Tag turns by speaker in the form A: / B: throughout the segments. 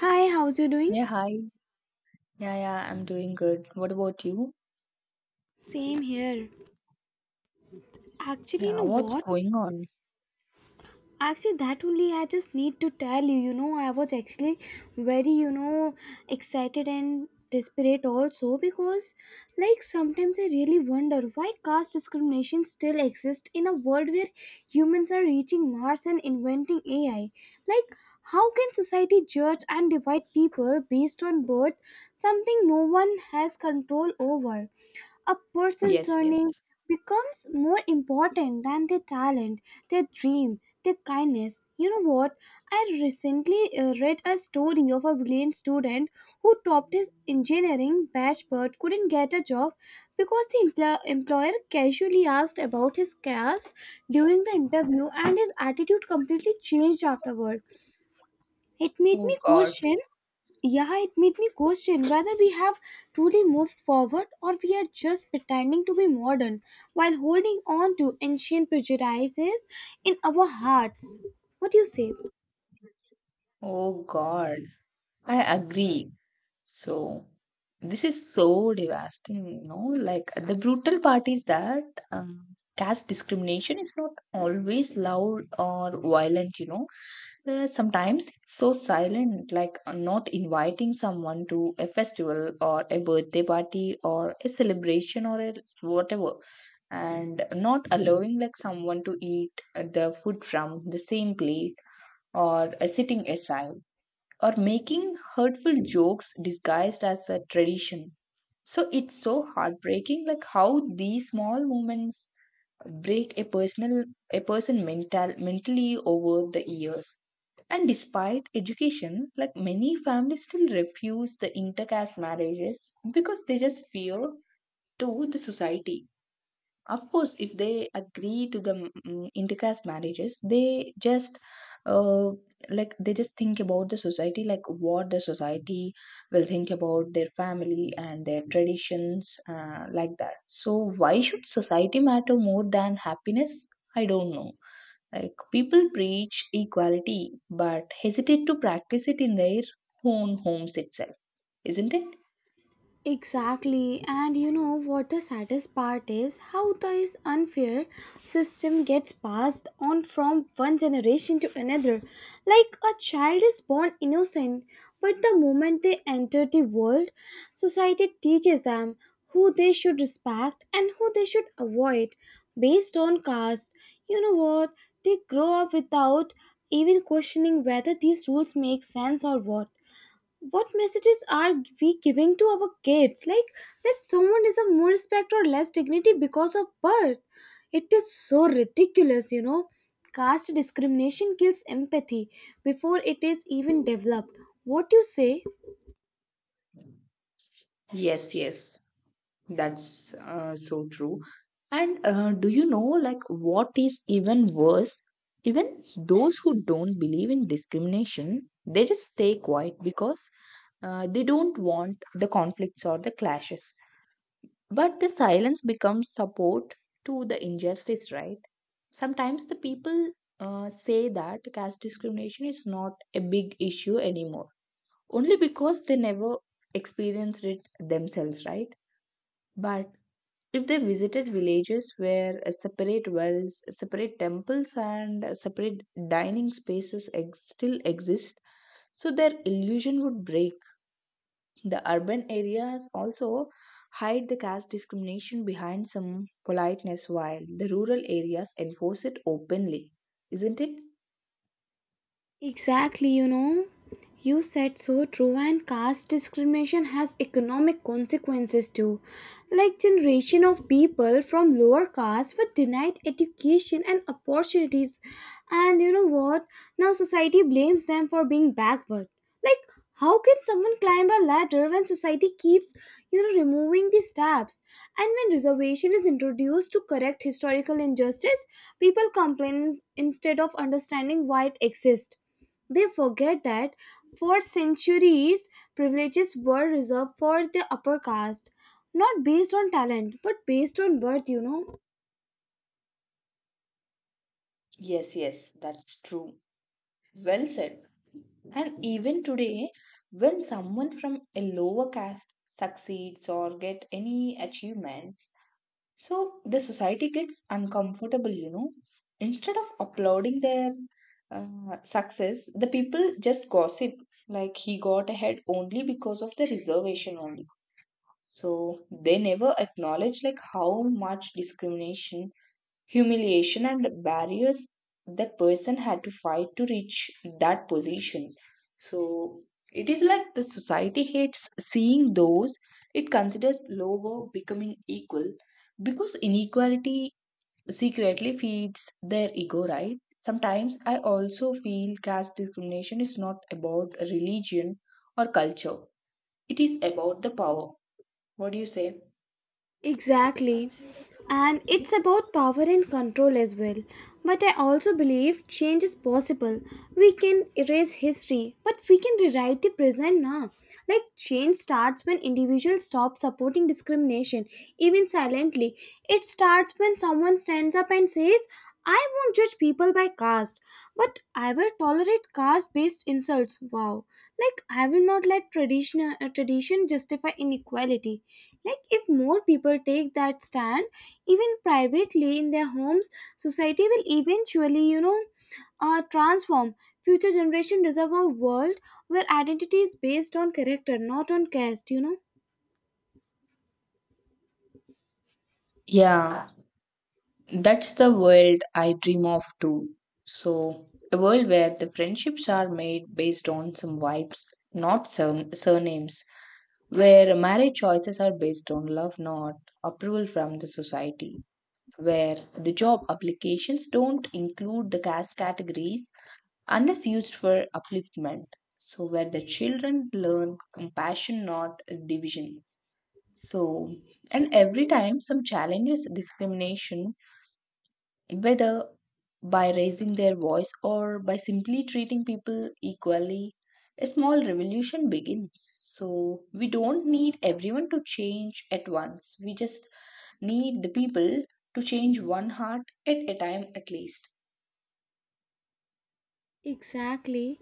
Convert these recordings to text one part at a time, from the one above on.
A: Hi, how's you doing?
B: Yeah, hi. Yeah, I'm doing good. What about you?
A: Same here. Actually, you
B: Yeah,
A: know
B: what's
A: what?
B: going on?
A: Actually, that only I just need to tell you. You know, I was actually very, excited and desperate also because, like, sometimes I really wonder why caste discrimination still exists in a world where humans are reaching Mars and inventing AI. Like, how can society judge and divide people based on birth, something no one has control over? A person's
B: Yes, yes.
A: surname becomes more important than their talent, their dream, their kindness. You know what? I recently read a story of a brilliant student who topped his engineering batch but couldn't get a job because the employer casually asked about his caste during the interview and his attitude completely changed afterward. It made
B: Oh
A: me
B: God.
A: question, yeah, it made me question whether we have truly moved forward or we are just pretending to be modern while holding on to ancient prejudices in our hearts. What do you say?
B: Oh God. I agree. So, this is so devastating, you know, like the brutal part is that um, caste discrimination is not always loud or violent, you know. Sometimes it's so silent, like not inviting someone to a festival or a birthday party or a celebration or a whatever, and not allowing like someone to eat the food from the same plate or sitting aside or making hurtful jokes disguised as a tradition. So it's so heartbreaking, like how these small moments break a person mentally over the years. And despite education, like many families still refuse the intercaste marriages because they just fear to the society. Of course, if they agree to the intercaste marriages, they just uh, like they just think about the society, like what the society will think about their family and their traditions, like that. So, why should society matter more than happiness? I don't know. Like people preach equality but hesitate to practice it in their own homes itself, isn't it?
A: Exactly, and you know what the saddest part is? How this unfair system gets passed on from one generation to another. Like a child is born innocent, but the moment they enter the world, society teaches them who they should respect and who they should avoid based on caste. You know what? They grow up without even questioning whether these rules make sense, or what messages are we giving to our kids, like that someone deserve more respect or less dignity because of birth. It is so ridiculous, you know. Caste discrimination kills empathy before it is even developed. What do you say?
B: Yes, yes, that's so true. And do you know, like, what is even worse? Even those who don't believe in discrimination, they just stay quiet because they don't want the conflicts or the clashes. But the silence becomes support to the injustice, right? Sometimes the people say that caste discrimination is not a big issue anymore, only because they never experienced it themselves, right? But if they visited villages where separate wells, separate temples, and separate dining spaces still exist, so their illusion would break. The urban areas also hide the caste discrimination behind some politeness, while the rural areas enforce it openly, isn't it?
A: Exactly, you know, you said so true, and caste discrimination has economic consequences too. Like generation of people from lower caste were denied education and opportunities, and you know what? Now society blames them for being backward. Like, how can someone climb a ladder when society keeps, you know, removing the steps? And when reservation is introduced to correct historical injustice, people complain instead of understanding why it exists. They forget that for centuries, privileges were reserved for the upper caste, not based on talent, but based on birth, you know.
B: Yes, yes, that's true. Well said. And even today, when someone from a lower caste succeeds or get any achievements, so the society gets uncomfortable, you know. Instead of applauding their uh, success, the people just gossip like he got ahead only because of the reservation only. So they never acknowledge like how much discrimination, humiliation, and the barriers that person had to fight to reach that position. So it is like the society hates seeing those it considers lower becoming equal, because inequality secretly feeds their ego, right? Sometimes I also feel caste discrimination is not about religion or culture, it is about the power. What do you say?
A: Exactly. And it's about power and control as well. But I also believe change is possible. We can erase history, but we can rewrite the present now. Like, change starts when individuals stop supporting discrimination, even silently. It starts when someone stands up and says, I won't judge people by caste, but I will tolerate caste based insults. Wow. Like, I will not let tradition justify inequality. Like, if more people take that stand, even privately in their homes, society will eventually, you know, transform. Future generation deserve a world where identity is based on character, not on caste, you know.
B: Yeah. That's the world I dream of too. So, a world where the friendships are made based on some vibes, not some surnames, where marriage choices are based on love, not approval from the society, where the job applications don't include the caste categories unless used for upliftment. So, where the children learn compassion, not division. So, and every time some challenges discrimination, whether by raising their voice or by simply treating people equally, a small revolution begins. So, we don't need everyone to change at once. We just need the people to change one heart at a time, at least.
A: Exactly.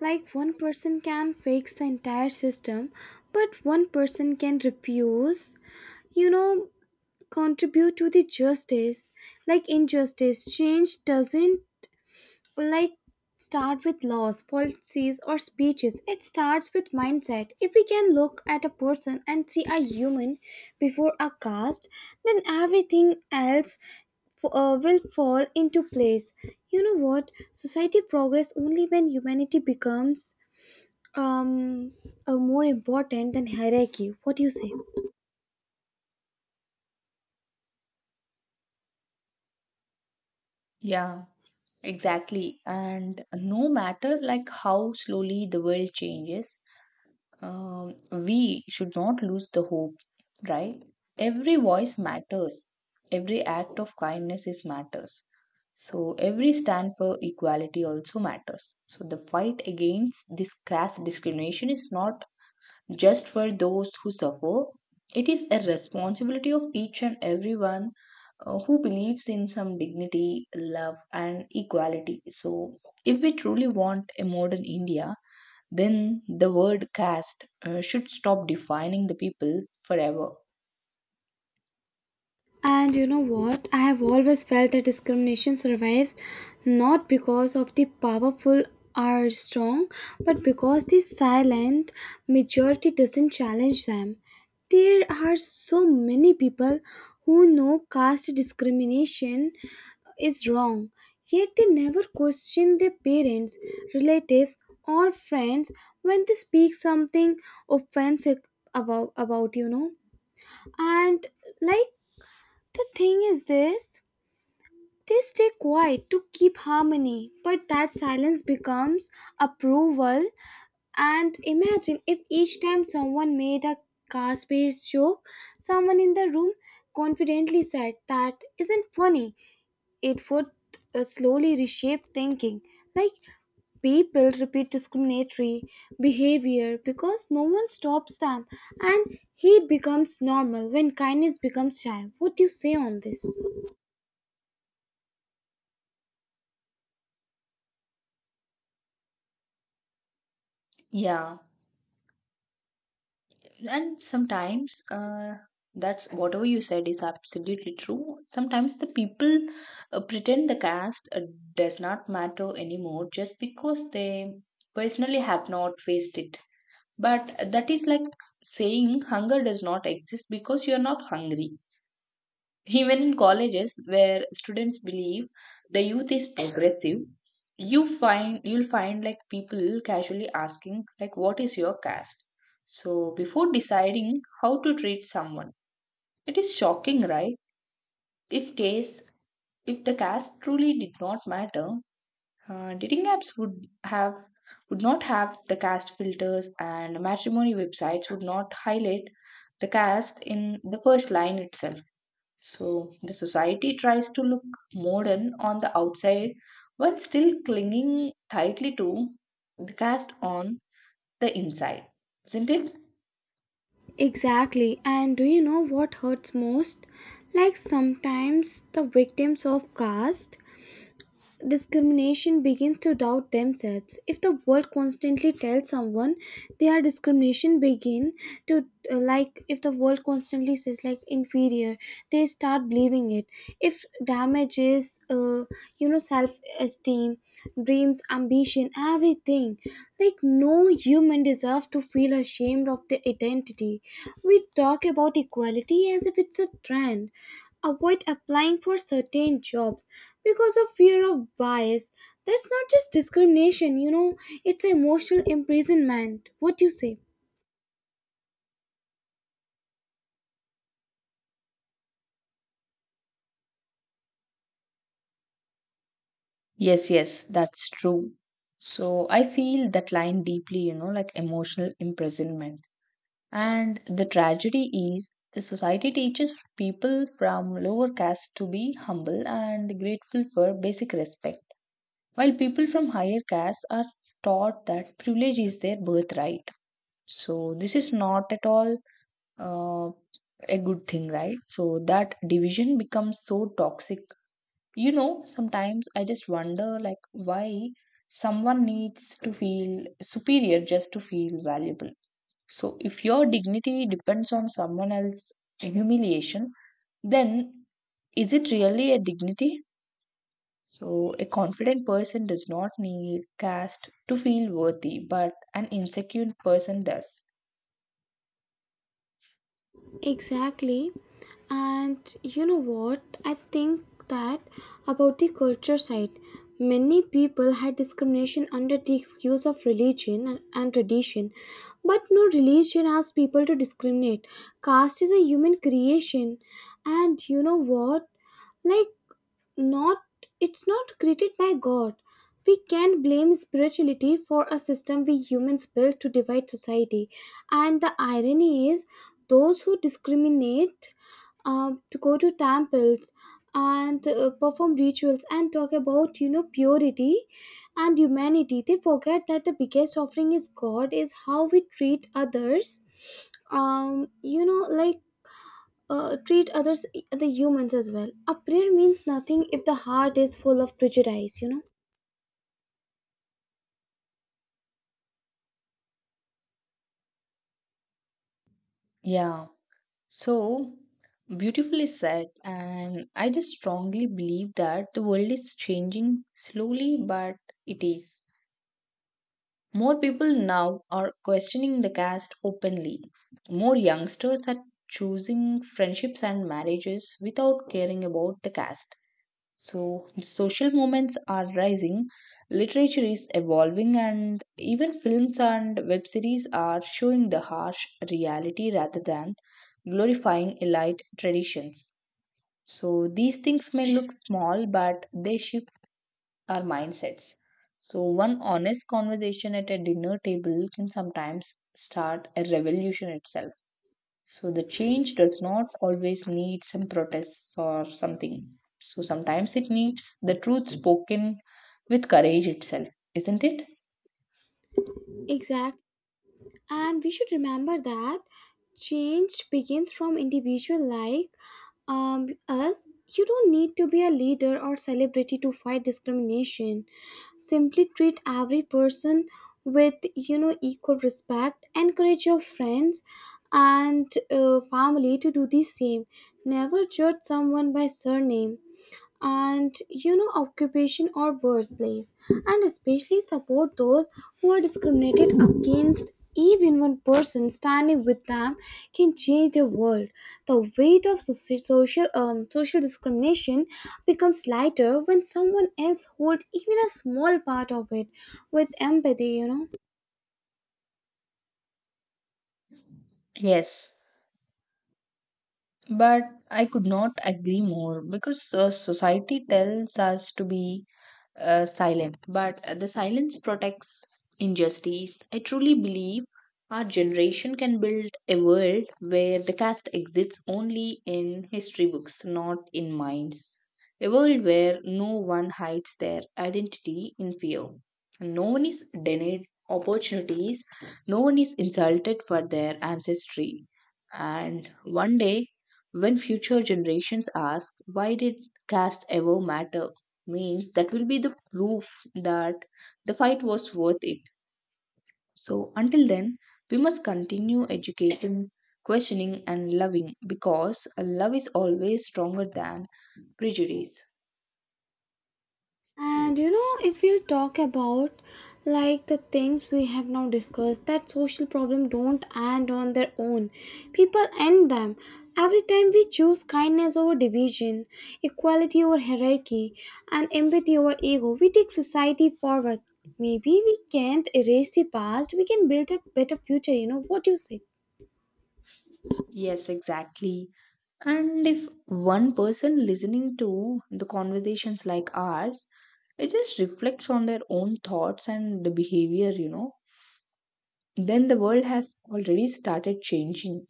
A: Like one person can fix the entire system, but one person can refuse, you know, contribute to the justice. Like injustice, change doesn't like start with laws, policies, or speeches. It starts with mindset. If we can look at a person and see a human before a caste, then everything else will fall into place. You know what? Society progress only when humanity becomes um, more important than hierarchy. What do you say?
B: Yeah, exactly. And no matter like how slowly the world changes, um, we should not lose the hope, right? Every voice matters, every act of kindness is matters, so every stand for equality also matters. So the fight against this caste discrimination is not just for those who suffer, it is a responsibility of each and everyone who believes in some dignity, love, and equality. So if we truly want a modern India, then the word caste should stop defining the people forever.
A: And you know what? I have always felt that discrimination survives not because of the powerful are strong, but because the silent majority doesn't challenge them. There are so many people who know caste discrimination is wrong, yet they never question their parents, relatives, or friends when they speak something offensive about, you know. And like the thing is this, they stay quiet to keep harmony, but that silence becomes approval. And imagine if each time someone made a caste based joke, someone in the room confidently said, That isn't funny, it would slowly reshape thinking. Like people repeat discriminatory behavior because no one stops them, and hate becomes normal when kindness becomes shy. What do you say on this?
B: Yeah, and sometimes that's whatever you said is absolutely true. Sometimes the people pretend the caste does not matter anymore just because they personally have not faced it. But that is like saying hunger does not exist because you are not hungry. Even in colleges where students believe the youth is progressive, you find you'll find like people casually asking like what is your caste? So before deciding how to treat someone, it is shocking, right? If case if the caste truly did not matter, dating apps would not have the caste filters, and matrimony websites would not highlight the caste in the first line itself. So the society tries to look modern on the outside while still clinging tightly to the caste on the inside, isn't it?
A: Exactly. And do you know what hurts most? Like sometimes the victims of caste discrimination begins to doubt themselves. If the world constantly tells someone they are discrimination begin to like, if the world constantly says like inferior, they start believing it. If damage is you know, self esteem, dreams, ambition, everything. Like, no human deserve to feel ashamed of their identity. We talk about equality as if it's a trend, avoid applying for certain jobs because of fear of bias. That's not just discrimination, you know, it's emotional imprisonment. What do you say?
B: Yes, yes, that's true. So I feel that line deeply, you know, like emotional imprisonment. And the tragedy is the society teaches people from lower caste to be humble and grateful for basic respect, while people from higher caste are taught that privilege is their birthright. So this is not at all uh, a good thing, right? So that division becomes so toxic. You know, sometimes I just wonder like why someone needs to feel superior just to feel valuable. So if your dignity depends on someone else's humiliation, then is it really a dignity? So a confident person does not need caste to feel worthy, but an insecure person does.
A: Exactly. And you know what? I think that about the culture side, many people had discrimination under the excuse of religion and tradition. But no religion asks people to discriminate. Caste is a human creation. And you know what? Like, not, it's not created by god. We can't blame spirituality for a system we humans built to divide society. And the irony is, those who discriminate to go to temples and perform rituals and talk about, you know, purity and humanity, they forget that the biggest offering is god is how we treat others, you know, like treat others, the humans as well. A prayer means nothing if the heart is full of prejudice, you know.
B: Yeah. So beautifully said, and I just strongly believe that the world is changing slowly, but it is. More people now are questioning the caste openly. More youngsters are choosing friendships and marriages without caring about the caste. So social movements are rising, literature is evolving, and even films and web series are showing the harsh reality rather than glorifying elite traditions. So these things may look small, but they shift our mindsets. So one honest conversation at a dinner table can sometimes start a revolution itself. So the change does not always need some protests or something. So sometimes it needs the truth spoken with courage itself, isn't it?
A: Exactly. And we should remember that change begins from individual, like us. You don't need to be a leader or celebrity to fight discrimination. Simply treat every person with, you know, equal respect. Encourage your friends and family to do the same. Never judge someone by surname and, you know, occupation or birthplace, and especially support those who are discriminated against. Even one person standing with them can change the world. The weight of social social discrimination becomes lighter when someone else holds even a small part of it with empathy, you know.
B: Yes. But I could not agree more because society tells us to be silent, but the silence protects injustice. I truly believe our generation can build a world where the caste exists only in history books, not in minds. A world where no one hides their identity in fear. No one is denied opportunities, no one is insulted for their ancestry. And one day, when future generations ask, why did caste ever matter? Means that will be the proof that the fight was worth it. So until then, we must continue educating, questioning, and loving, because love is always stronger than prejudice.
A: And you know, if we'll talk about like the things we have now discussed, that social problem don't end on their own. People end them. Every time we choose kindness over division, equality over hierarchy, and empathy over ego, we take society forward. Maybe we can't erase the past, we can build a better future, you know. What do you say?
B: Yes, exactly. And if one person listening to the conversations like ours, it just reflects on their own thoughts and the behavior, you know, then the world has already started changing.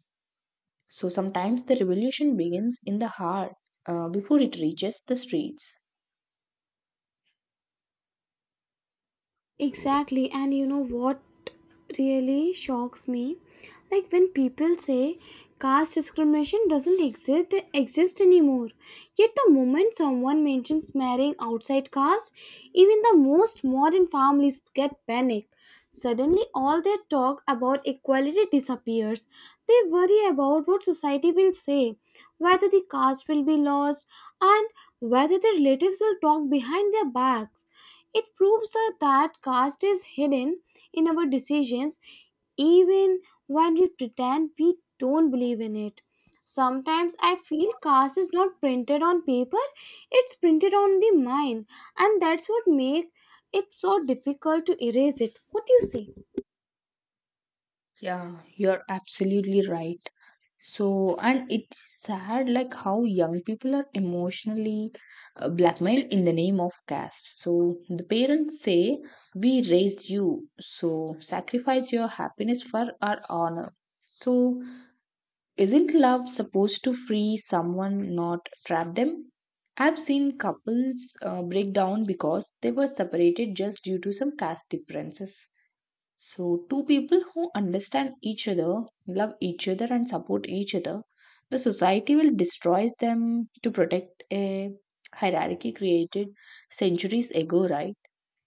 B: So sometimes the revolution begins in the heart before it reaches the streets.
A: Exactly, and you know what really shocks me? Like when people say caste discrimination doesn't exist anymore. Yet the moment someone mentions marrying outside caste, even the most modern families get panic. Suddenly all their talk about equality disappears. They worry about what society will say, whether the caste will be lost, and whether their relatives will talk behind their backs. It proves that caste is hidden in our decisions even when we pretend we don't believe in it. Sometimes I feel caste is not printed on paper, it's printed on the mind, and that's what makes it so difficult to erase it. What do you say?
B: Yeah, you're absolutely right. So, and it's sad like how young people are emotionally blackmailed in the name of caste. So the parents say, "We raised you, so sacrifice your happiness for our honor." So isn't love supposed to free someone, not trap them? I've seen couples break down because they were separated just due to some caste differences. So, two people who understand each other, love each other, and support each other, the society will destroy them to protect a hierarchy created centuries ago, right?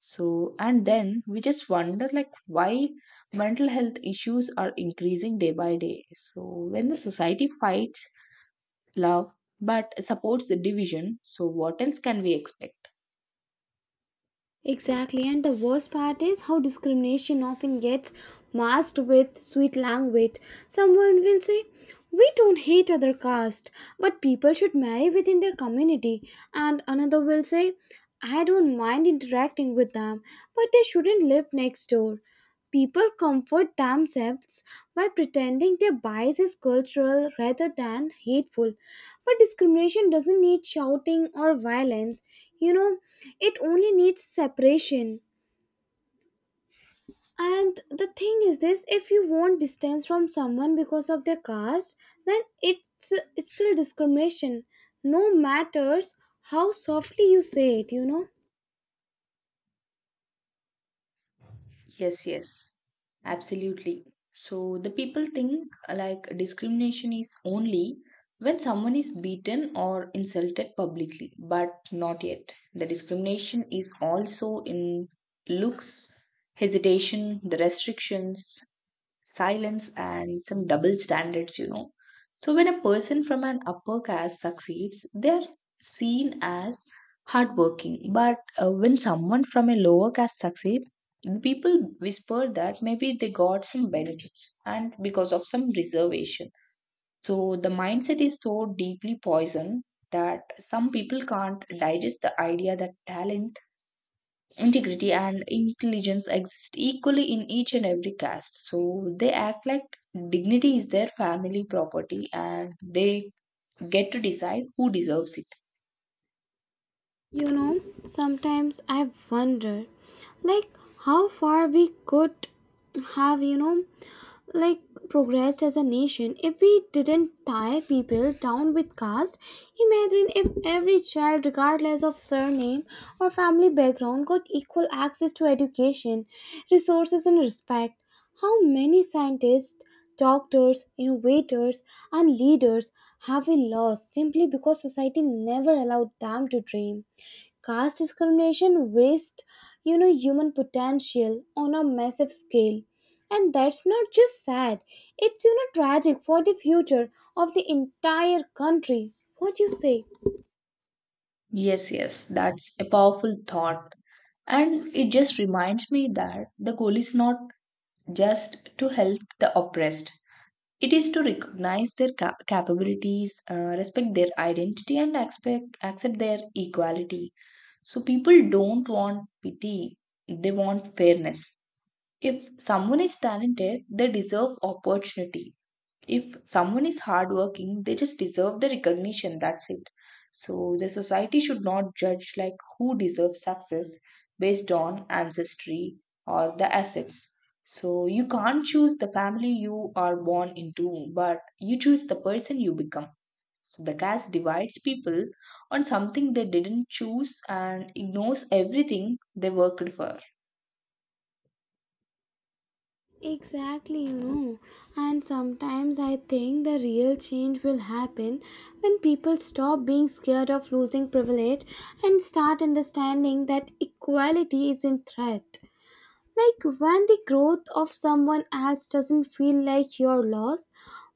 B: So, and then we just wonder like why mental health issues are increasing day by day. So, when the society fights love but supports the division, so what else can we expect?
A: Exactly, and the worst part is how discrimination often gets masked with sweet language. Someone will say, We don't hate other caste, but people should marry within their community. And another will say, I don't mind interacting with them, but they shouldn't live next door. People comfort themselves by pretending their bias is cultural rather than hateful. But discrimination doesn't need shouting or violence, you know, it only needs separation. And the thing is this, if you want distance from someone because of their caste, then it's still discrimination, no matters how softly you say it, you know.
B: Yes, yes, absolutely. So, the people think like discrimination is only when someone is beaten or insulted publicly, but not yet. The discrimination is also in looks, hesitation, the restrictions, silence, and some double standards, you know. So when a person from an upper caste succeeds, they're seen as hardworking. But when someone from a lower caste succeeds, people whisper that maybe they got some benefits and because of some reservation. So the mindset is so deeply poisoned that some people can't digest the idea that talent, integrity, and intelligence exist equally in each and every caste. So they act like dignity is their family property and they get to decide who deserves it.
A: You know, sometimes I wonder, like, how far we could have, you know, like progressed as a nation if we didn't tie people down with caste. Imagine if every child, regardless of surname or family background, got equal access to education, resources and respect. How many scientists, doctors, innovators and leaders have we lost simply because society never allowed them to dream? Caste discrimination wastes, you know, human potential on a massive scale, and that's not just sad, it's, you know, tragic for the future of the entire country. What you say?
B: Yes, yes, that's a powerful thought. And it just reminds me that the goal is not just to help the oppressed, it is to recognize their capabilities, respect their identity, and accept their equality. So people don't want pity, they want fairness. If someone is talented, they deserve opportunity. If someone is hardworking, they just deserve the recognition. That's it. So the society should not judge like who deserves success based on ancestry or the assets. So you can't choose the family you are born into, but you choose the person you become. So the caste divides people on something they didn't choose and ignores everything they worked for.
A: Exactly, you know. And sometimes I think the real change will happen when people stop being scared of losing privilege and start understanding that equality is in threat. Like when the growth of someone else doesn't feel like your loss,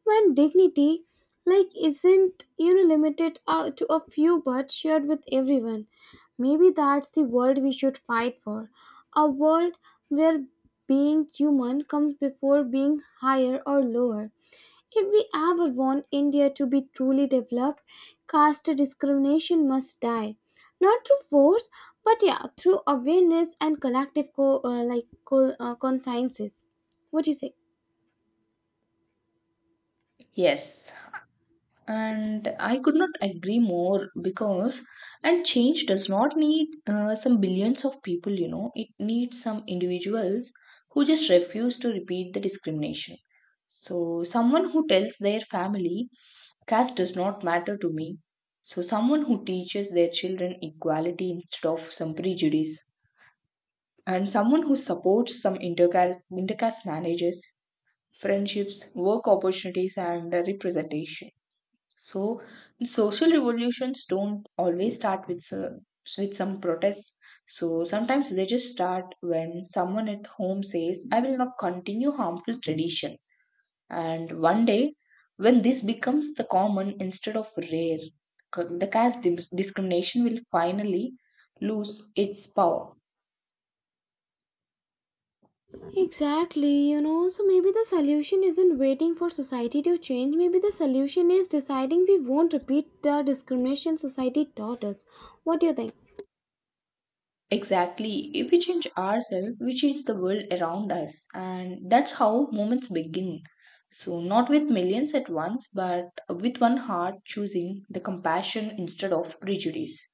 A: when dignity like isn't, you know, limited out to a few but shared with everyone. Maybe that's the world we should fight for. A world where being human comes before being higher or lower. If we ever want India to be truly developed, caste discrimination must die. Not through force, but yeah, through awareness and collective like consciences. What do you say?
B: Yes. And I could not agree more, because and change does not need some billions of people, you know, it needs some individuals who just refuse to repeat the discrimination. So someone who tells their family caste does not matter to me, so someone who teaches their children equality instead of some prejudice, and someone who supports some intercaste marriages, friendships, work opportunities, and representation. So social revolutions don't always start with with some protests. So sometimes they just start when someone at home says, "I will not continue harmful tradition." And one day, when this becomes the common instead of rare, the caste discrimination will finally lose its power.
A: Exactly, you know, so maybe the solution isn't waiting for society to change. Maybe the solution is deciding we won't repeat the discrimination society taught us. What do you think?
B: Exactly. If we change ourselves, we change the world around us. And that's how movements begin. So, not with millions at once, but with one heart choosing the compassion instead of prejudice.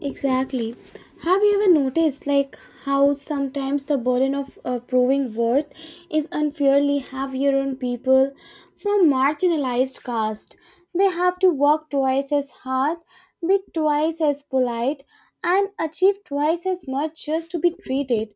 A: Exactly. Have you ever noticed, like, how sometimes the burden of proving worth is unfairly heavier on people from marginalized caste? They have to work twice as hard, be twice as polite, and achieve twice as much just to be treated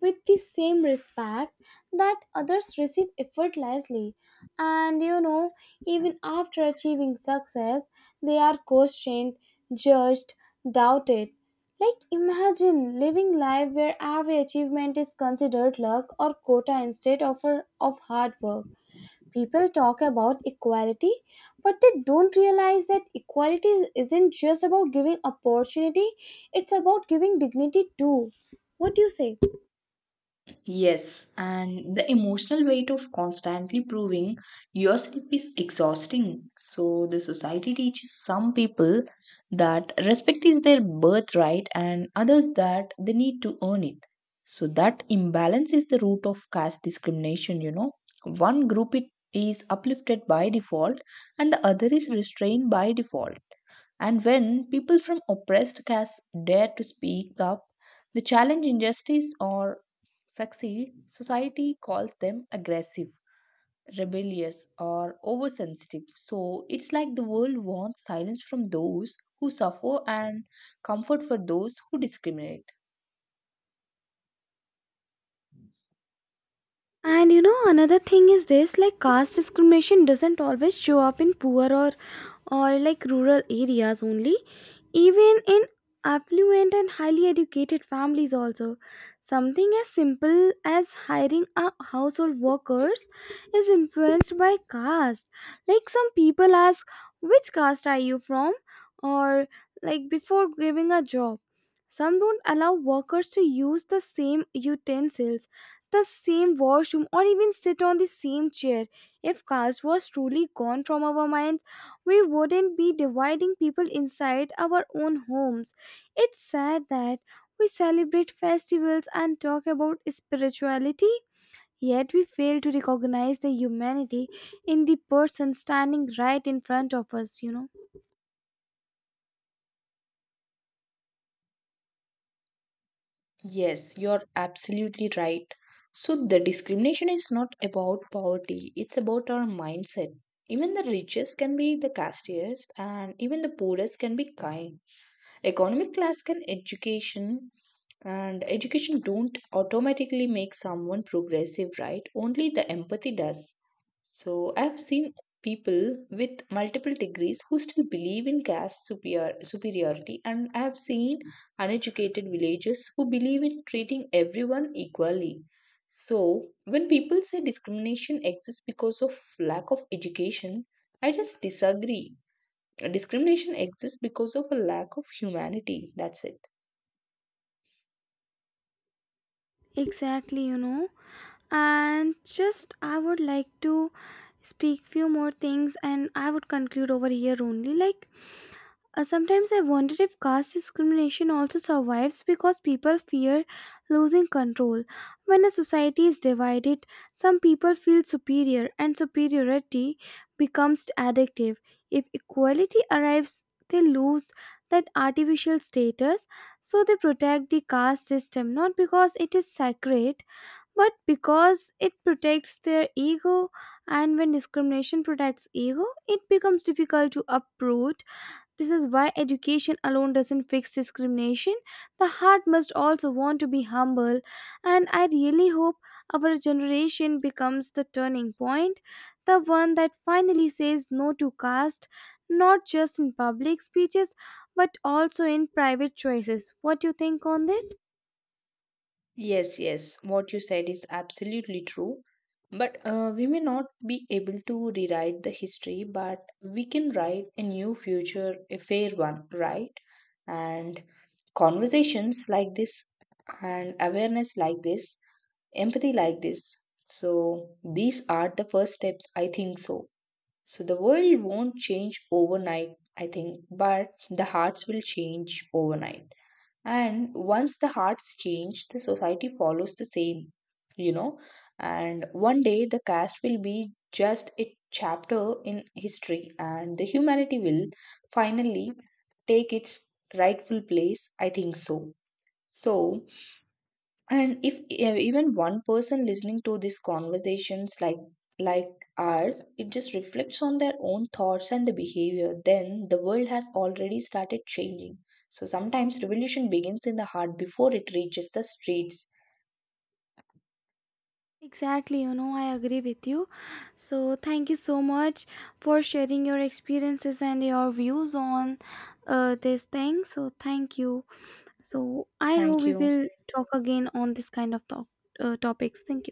A: with the same respect that others receive effortlessly. And you know, even after achieving success, they are questioned, judged, doubted. Like, imagine living life where every achievement is considered luck or quota instead of, of hard work. People talk about equality, but they don't realize that equality isn't just about giving opportunity, it's about giving dignity too. What do you say?
B: Yes, and the emotional weight of constantly proving yourself is exhausting. So, the society teaches some people that respect is their birthright and others that they need to earn it. So, that imbalance is the root of caste discrimination, you know. One group it is uplifted by default and the other is restrained by default. And when people from oppressed castes dare to speak up, they challenge injustice or succeed, society calls them aggressive, rebellious, or oversensitive. So it's like the world wants silence from those who suffer and comfort for those who discriminate.
A: And you know, another thing is this, like caste discrimination doesn't always show up in poor or like rural areas only. Even in affluent and highly educated families also. Something as simple as hiring a household workers is influenced by caste. Like some people ask, which caste are you from? Or like before giving a job. Some don't allow workers to use the same utensils, the same washroom, or even sit on the same chair. If caste was truly gone from our minds, we wouldn't be dividing people inside our own homes. It's sad that we celebrate festivals and talk about spirituality, yet we fail to recognize the humanity in the person standing right in front of us, you know.
B: Yes, you're absolutely right. So the discrimination is not about poverty, it's about our mindset. Even the richest can be the castiest, and even the poorest can be kind. Economic class can education don't automatically make someone progressive, right? Only the empathy does. So I've seen people with multiple degrees who still believe in superiority, and I've seen uneducated villagers who believe in treating everyone equally. So when people say discrimination exists because of lack of education, I just disagree. Discrimination exists because of a lack of humanity. That's it.
A: Exactly, you know. And just I would like to speak few more things and I would conclude over here only like. Sometimes I wonder if caste discrimination also survives because people fear losing control. When a society is divided, some people feel superior, and superiority becomes addictive. If equality arrives, they lose that artificial status, so they protect the caste system not because it is sacred, but because it protects their ego. And when discrimination protects ego, it becomes difficult to uproot. This is why education alone doesn't fix discrimination. The heart must also want to be humble, and I really hope our generation becomes the turning point, the one that finally says no to caste, not just in public speeches, but also in private choices. What do you think on this?
B: Yes, yes. What you said is absolutely true. But we may not be able to rewrite the history, but we can write a new future, a fair one, right? And conversations like this, and awareness like this, empathy like this. So, these are the first steps, I think so. So the world won't change overnight, I think, but the hearts will change overnight. And once the hearts change, the society follows the same, you know. And one day the caste will be just a chapter in history, and the humanity will finally take its rightful place. I think so. So, and if even one person listening to these conversations like like ours, it just reflects on their own thoughts and the behavior, then the world has already started changing. So sometimes revolution begins in the heart before it reaches the streets.
A: Exactly, you know, I agree with you. So, thank you so much for sharing your experiences and your views on this thing. So, thank you. So I hope
B: Thank
A: we
B: you.
A: will talk again on this kind of talk, topics. Thank you.